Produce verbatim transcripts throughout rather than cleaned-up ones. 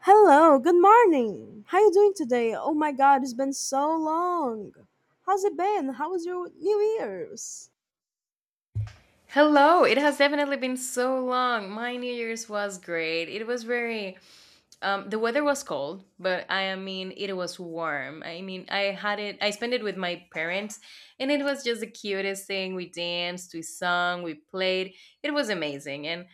Hello, good morning. How you doing today? Oh my god, it's been so long. How's it been? How was your New Year's? Hello, it has definitely been so long. My New Year's was great. It was very, um, the weather was cold, but I mean, it was warm. I mean, I had it, I spent it with my parents, and it was just the cutest thing. We danced, we sung, we played. It was amazing. And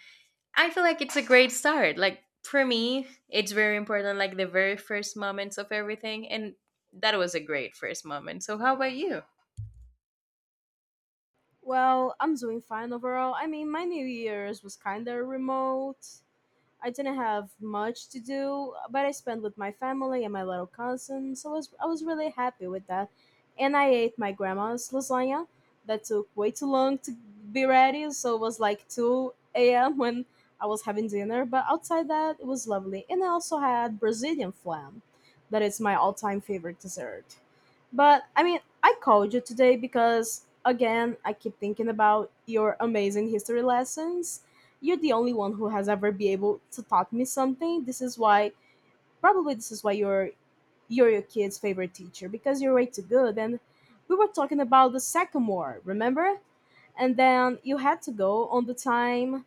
I feel like it's a great start. Like, for me, it's very important, like the very first moments of everything. And that was a great first moment. So, how about you? Well, I'm doing fine overall. I mean, my New Year's was kind of remote. I didn't have much to do, but I spent with my family and my little cousin, so I was, I was really happy with that. And I ate my grandma's lasagna that took way too long to be ready, so it was like two a m when I was having dinner, but outside that, it was lovely. And I also had Brazilian flan, that is my all time favorite dessert. But I mean, I called you today because, again, I keep thinking about your amazing history lessons. You're the only one who has ever been able to taught me something. This is why probably this is why you're you're your kid's favorite teacher because you're way too good. And we were talking about the sycamore, remember? And then you had to go on the time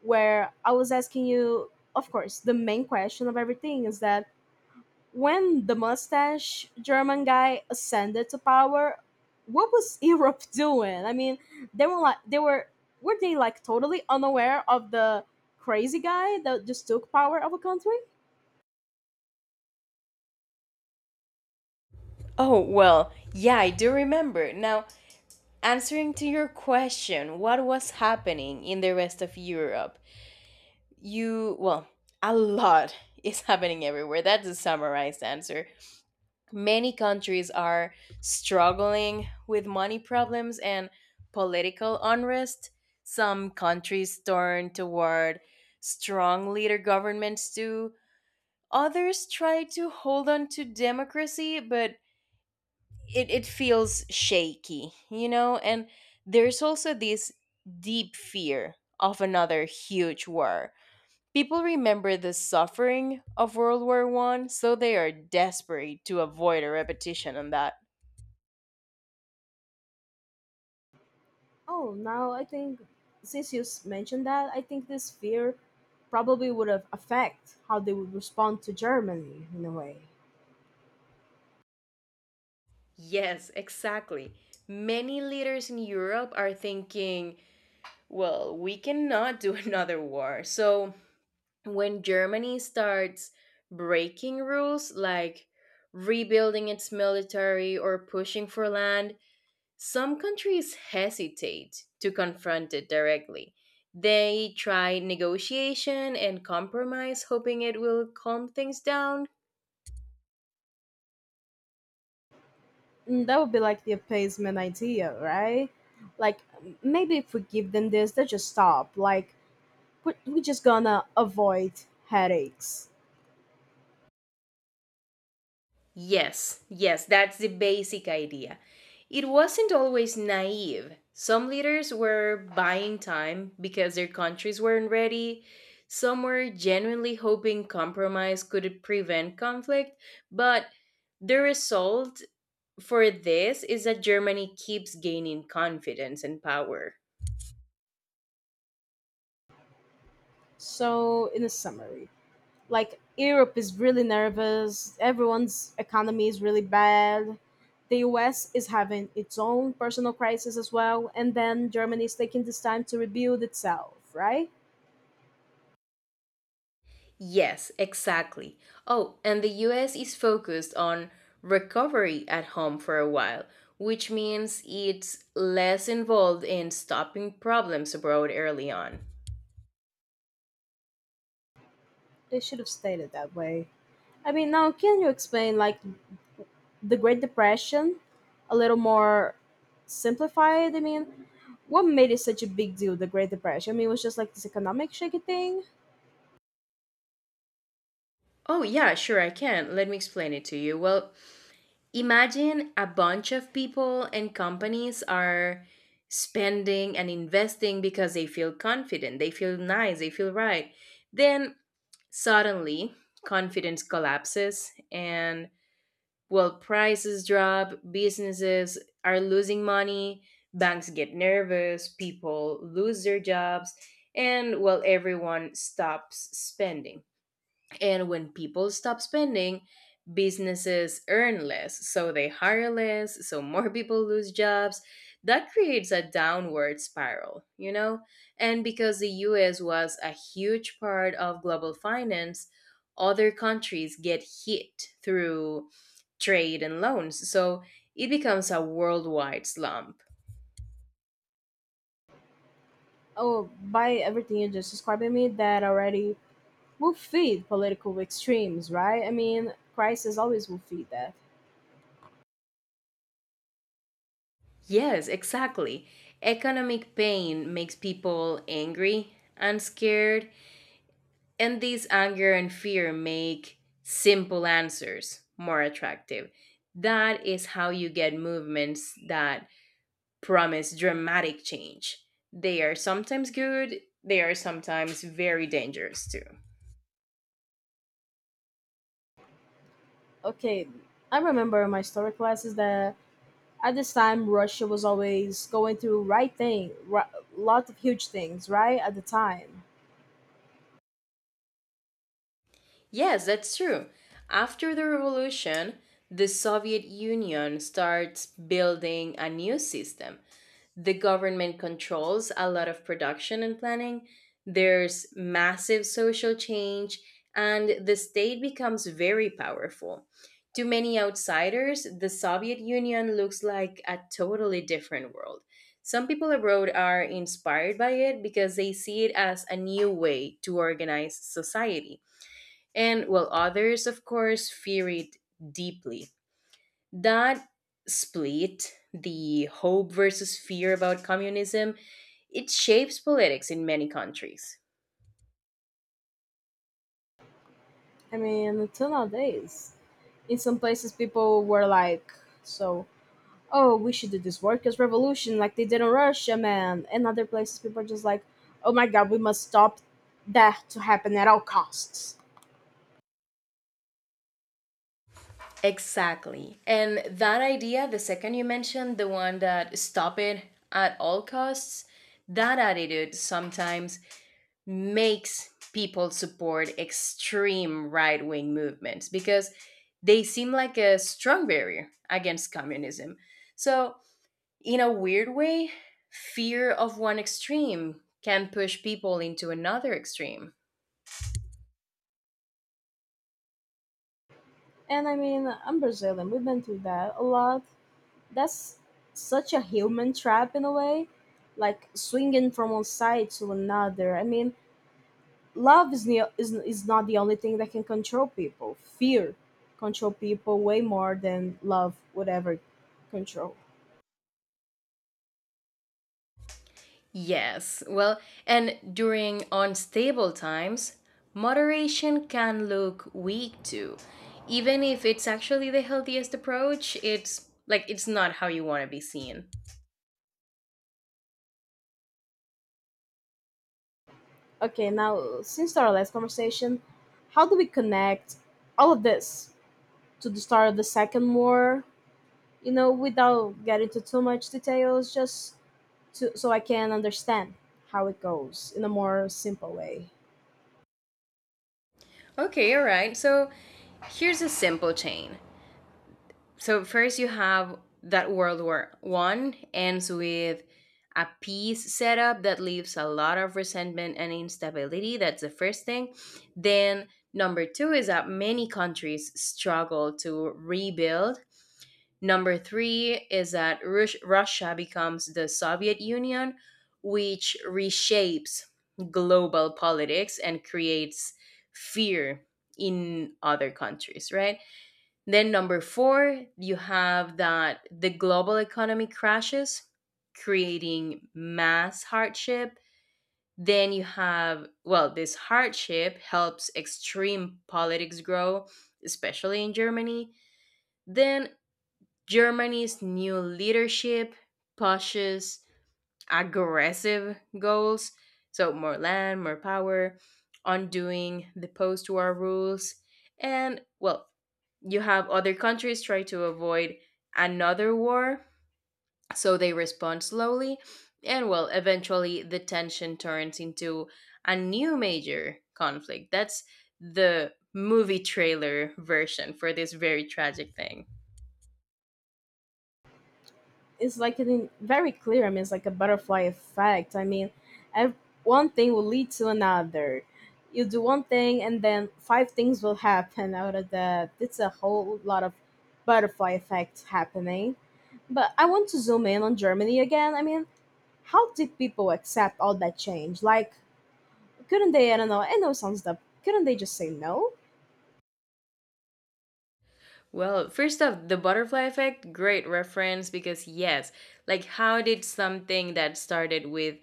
where I was asking you, of course, the main question of everything is that when the mustache German guy ascended to power, what was Europe doing? I mean, they were like they were were they like totally unaware of the crazy guy that just took power of a country? Oh, well, yeah, I do remember. Now, answering to your question, what was happening in the rest of Europe? You, well, a lot is happening everywhere. That's a summarized answer. Many countries are struggling with money problems and political unrest. Some countries turn toward strong leader governments too. Others try to hold on to democracy, but it, it feels shaky, you know? And there's also this deep fear of another huge war. People remember the suffering of World War One, so they are desperate to avoid a repetition on that. Oh, now I think since you s- mentioned that, I think this fear probably would have affect how they would respond to Germany in a way. Yes, exactly. Many leaders in Europe are thinking, well, we cannot do another war, so when Germany starts breaking rules like rebuilding its military or pushing for land, some countries hesitate to confront it directly. They try negotiation and compromise, hoping it will calm things down. Mm, that would be like the appeasement idea, right? Like m- maybe if we give them this, they just stop. Like but we just gonna avoid headaches. Yes, yes, that's the basic idea. It wasn't always naive. Some leaders were buying time because their countries weren't ready. Some were genuinely hoping compromise could prevent conflict. But the result for this is that Germany keeps gaining confidence and power. So, in a summary, like Europe is really nervous, everyone's economy is really bad. The U S is having its own personal crisis as well, and then Germany is taking this time to rebuild itself, right? Yes, exactly. Oh, and the U S is focused on recovery at home for a while, which means it's less involved in stopping problems abroad early on. They should have stayed it that way. I mean, now can you explain like the Great Depression a little more simplified? I mean, what made it such a big deal, the Great Depression? I mean, it was just like this economic shaky thing. Oh, yeah, sure, I can. Let me explain it to you. Well, imagine a bunch of people and companies are spending and investing because they feel confident, they feel nice, they feel right. Then suddenly, confidence collapses. And, well, prices drop, businesses are losing money, banks get nervous, people lose their jobs, and well, everyone stops spending. And when people stop spending, businesses earn less, so they hire less, so more people lose jobs. That creates a downward spiral, you know? And because the U S was a huge part of global finance, other countries get hit through trade and loans. So it becomes a worldwide slump. Oh, by everything you just described to me, that already will feed political extremes, right? I mean, crisis always will feed that. Yes, exactly. Economic pain makes people angry and scared. And these anger and fear make simple answers more attractive. That is how you get movements that promise dramatic change. They are sometimes good, they are sometimes very dangerous too. Okay, I remember in my story classes that at this time Russia was always going through right thing, right, lot of huge things, right? At the time, Yes, that's true. After the revolution, the Soviet Union starts building a new system. The government controls a lot of production and planning. There's massive social change, and the state becomes very powerful. To many outsiders, the Soviet Union looks like a totally different world. Some people abroad are inspired by it because they see it as a new way to organize society. And while others, of course, fear it deeply. That split, the hope versus fear about communism, it shapes politics in many countries. I mean, until nowadays, in some places people were like, so oh, we should do this workers' revolution like they did in Russia, man, and other places. People are just like, oh my god, we must stop that to happen at all costs. Exactly. And that idea, the second you mentioned, the one that stop it at all costs, that attitude sometimes makes people support extreme right wing movements because they seem like a strong barrier against communism. So, in a weird way, fear of one extreme can push people into another extreme. And I mean, I'm Brazilian. We've been through that a lot. That's such a human trap in a way, like swinging from one side to another. I mean, love is ne- is is not the only thing that can control people. Fear control people way more than love would ever control. Yes, well, and during unstable times, moderation can look weak too. Even if it's actually the healthiest approach, it's like it's not how you want to be seen. Okay, now since our last conversation, how do we connect all of this to the start of the second war? You know, without getting into too much details, just to, so I can understand how it goes in a more simple way. Okay, all right. So, here's a simple chain. So first you have that World War One ends with a peace setup that leaves a lot of resentment and instability. That's the first thing. Then number two is that many countries struggle to rebuild. Number three is that Rus- Russia becomes the Soviet Union, which reshapes global politics and creates fear in other countries, right? Then number four, you have that the global economy crashes, creating mass hardship. Then you have, well, this hardship helps extreme politics grow, especially in Germany. Then Germany's new leadership pushes aggressive goals, so more land, more power, undoing the post war rules. And, well, you have other countries try to avoid another war, so they respond slowly. And well, eventually the tension turns into a new major conflict. That's the movie trailer version for this very tragic thing. It's like an, very clear. I mean, it's like a butterfly effect. I mean, ev- one thing will lead to another. You do one thing, and then five things will happen out of that. It's a whole lot of butterfly effect happening. But I want to zoom in on Germany again. I mean, how did people accept all that change? Like, couldn't they? I don't know. I know it sounds dumb. Couldn't they just say no? Well, first off, the butterfly effect, great reference because, yes, like how did something that started with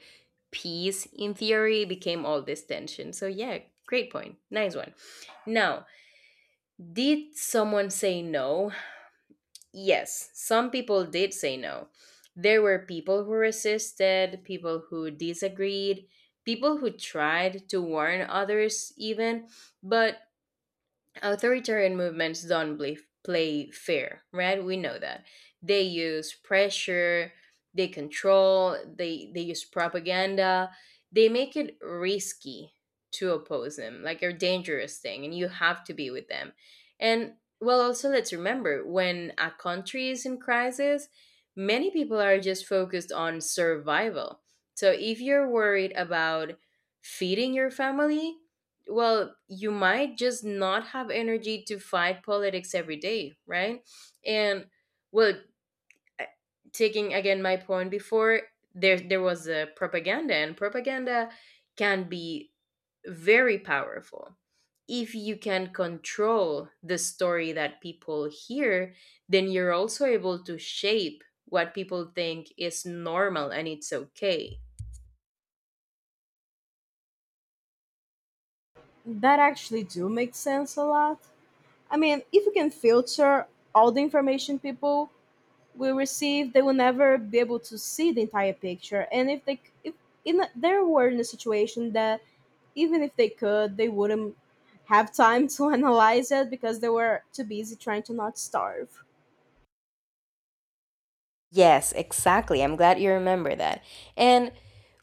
peace in theory became all this tension? So, yeah, great point. Nice one. Now, did someone say no? Yes, some people did say no. There were people who resisted, people who disagreed, people who tried to warn others, even, but authoritarian movements don't believe, play fair, right? We know that. They use pressure, they control, they, they use propaganda. They make it risky to oppose them, like a dangerous thing, and you have to be with them. And well, also, let's remember when a country is in crisis, many people are just focused on survival. So if you're worried about feeding your family, well, you might just not have energy to fight politics every day, right? And well, I- taking again my point before, there there was a propaganda, and propaganda can be very powerful. If you can control the story that people hear, then you're also able to shape what people think is normal and it's okay. That actually do make sense a lot. I mean, if you can filter all the information people will receive, they will never be able to see the entire picture. And if they, if in they were in a situation that even if they could, they wouldn't have time to analyze it because they were too busy trying to not starve. Yes, exactly. I'm glad you remember that. And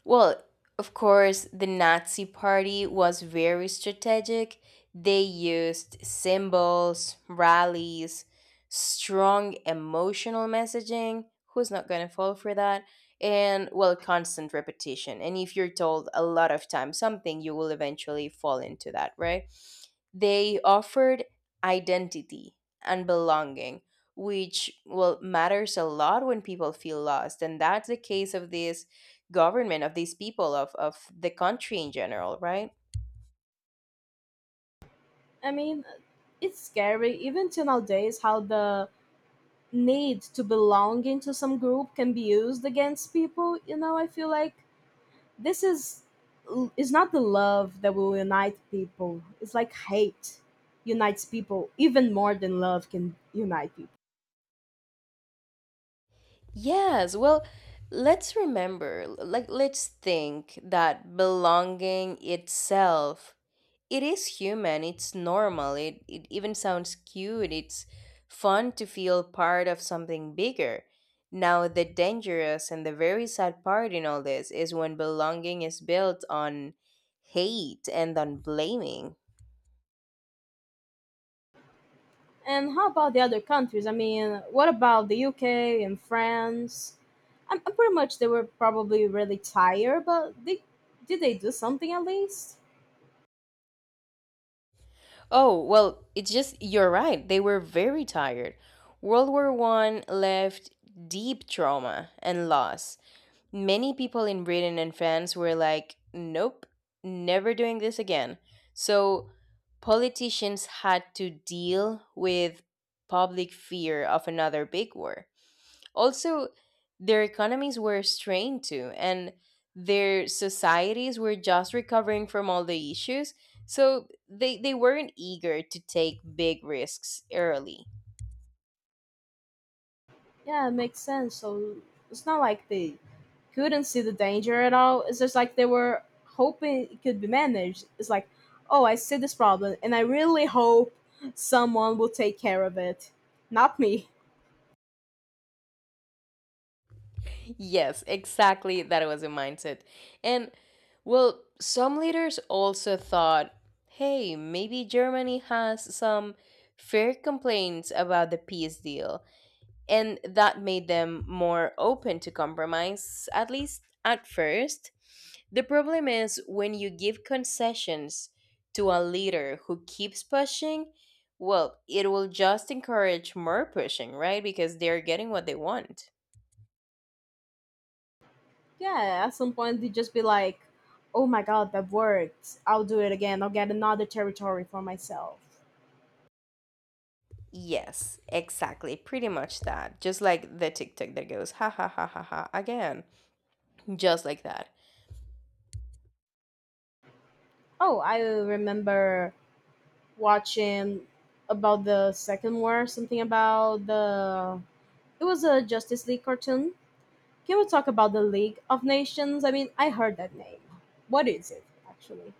well, of course, the Nazi party was very strategic. They used symbols, rallies, strong emotional messaging. Who's not going to fall for that? And well, constant repetition. And if you're told a lot of times something, you will eventually fall into that, right? They offered identity and belonging, which well matters a lot when people feel lost. And that's the case of this government, of these people, of, of the country in general, right? I mean, it's scary even till nowadays how the need to belong into some group can be used against people. You know, I feel like this is is not the love that will unite people. It's like hate unites people even more than love can unite people. Yes, well, let's remember, like let's think that belonging itself, it is human, it's normal, it, it even sounds cute, it's fun to feel part of something bigger. Now, the dangerous and the very sad part in all this is when belonging is built on hate and on blaming. And how about the other countries? I mean, what about the U K and France? I'm, I'm pretty much they were probably really tired, but they did they do something at least? Oh, well, it's just you're right. They were very tired. World War One left deep trauma and loss. Many people in Britain and France were like, nope, never doing this again. So politicians had to deal with public fear of another big war. Also, their economies were strained too, and their societies were just recovering from all the issues. So they, they weren't eager to take big risks early. Yeah, it makes sense. So it's not like they couldn't see the danger at all. It's just like they were hoping it could be managed. It's like, oh, I see this problem, and I really hope someone will take care of it. Not me. Yes, exactly. That was a mindset. And well, some leaders also thought, hey, maybe Germany has some fair complaints about the peace deal. And that made them more open to compromise, at least at first. The problem is when you give concessions to a leader who keeps pushing, well, it will just encourage more pushing, right? Because they're getting what they want. Yeah, at some point they just be like, oh my god, that worked. I'll do it again. I'll get another territory for myself. Yes, exactly. Pretty much that. Just like the TikTok that goes, ha ha ha ha ha, again. Just like that. Oh, I remember watching about the second war, something about the. It was a Justice League cartoon. Can we talk about the League of Nations? I mean, I heard that name. What is it, actually?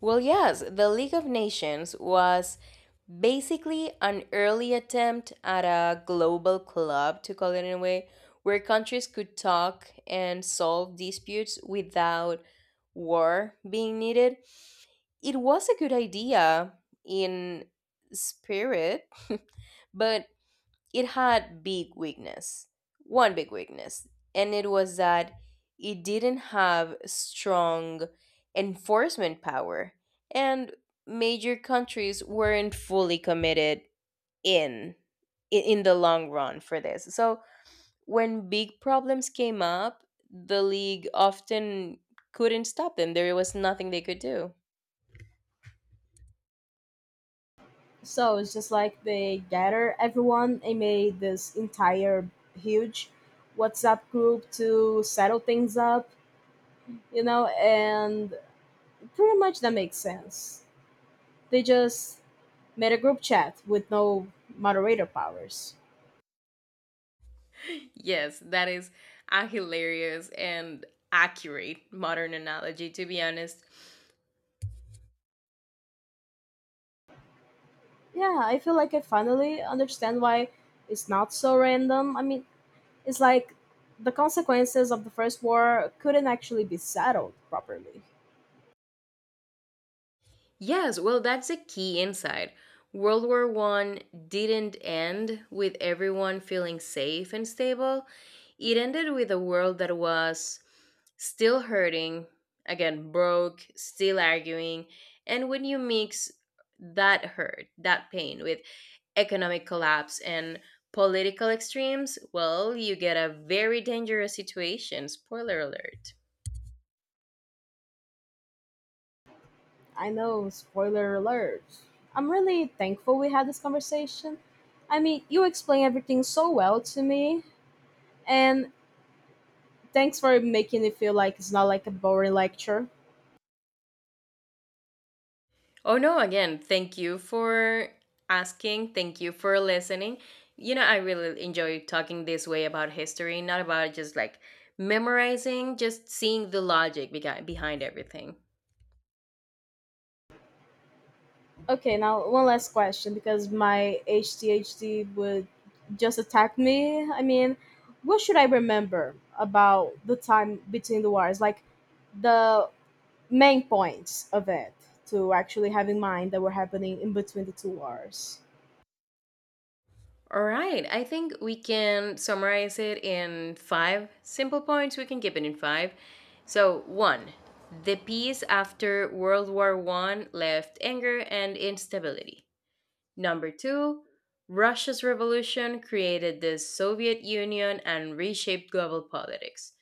Well, yes, the League of Nations was basically an early attempt at a global club, to call it in a way, where countries could talk and solve disputes without war being needed. It was a good idea in spirit, but it had big weakness one big weakness, and it was that it didn't have strong enforcement power, and major countries weren't fully committed in i- in the long run for this. So when big problems came up, the league often couldn't stop them. There was nothing they could do. So it's just like they gather everyone and made this entire huge WhatsApp group to settle things up, you know, and pretty much that makes sense. They just made a group chat with no moderator powers. Yes, that is a hilarious and accurate modern analogy, to be honest. Yeah, I feel like I finally understand why it's not so random. I mean, it's like the consequences of the First War couldn't actually be settled properly. Yes, well, that's a key insight. World War One didn't end with everyone feeling safe and stable. It ended with a world that was still hurting, again, broke, still arguing. And when you mix that hurt, that pain, with economic collapse and political extremes, well, you get a very dangerous situation. Spoiler alert. I know, spoiler alert. I'm really thankful we had this conversation. I mean, you explain everything so well to me, and thanks for making it feel like it's not like a boring lecture. Oh no, again, thank you for asking. Thank you for listening. You know, I really enjoy talking this way about history, not about just like memorizing, just seeing the logic behi- behind everything. Okay, now one last question because my H T H D would just attack me. I mean, what should I remember about the time between the wars? Like the main points of it to actually have in mind that were happening in between the two wars. All right, I think we can summarize it in five simple points. We can keep it in five. So, one, the peace after World War One left anger and instability. Number two, Russia's revolution created the Soviet Union and reshaped global politics.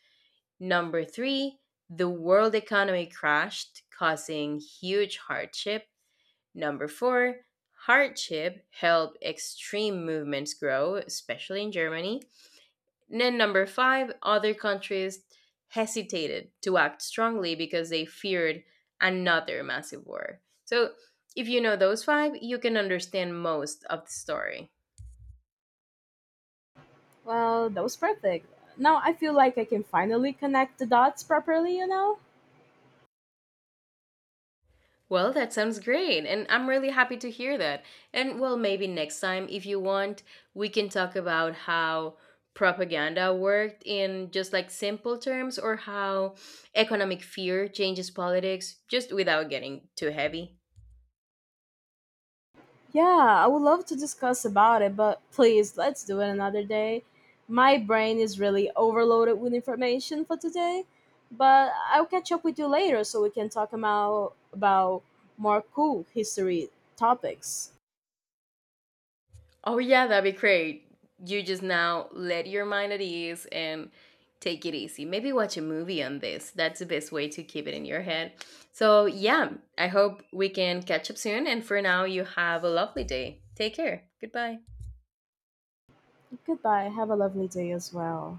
Number three, the world economy crashed, causing huge hardship. Number four, hardship helped extreme movements grow, especially in Germany. Then, number five, other countries hesitated to act strongly because they feared another massive war. So, if you know those five, you can understand most of the story. Well, that was perfect. Now I feel like I can finally connect the dots properly, you know? Well, that sounds great, and I'm really happy to hear that. And well, maybe next time, if you want, we can talk about how propaganda worked in just like simple terms or how economic fear changes politics just without getting too heavy. Yeah, I would love to discuss about it, but please let's do it another day. My brain is really overloaded with information for today, but I'll catch up with you later so we can talk about about more cool history topics. Oh yeah, that'd be great. You just now let your mind at ease and take it easy. Maybe watch a movie on this. That's the best way to keep it in your head. So yeah, I hope we can catch up soon. And for now, you have a lovely day. Take care. Goodbye. Goodbye. Have a lovely day as well.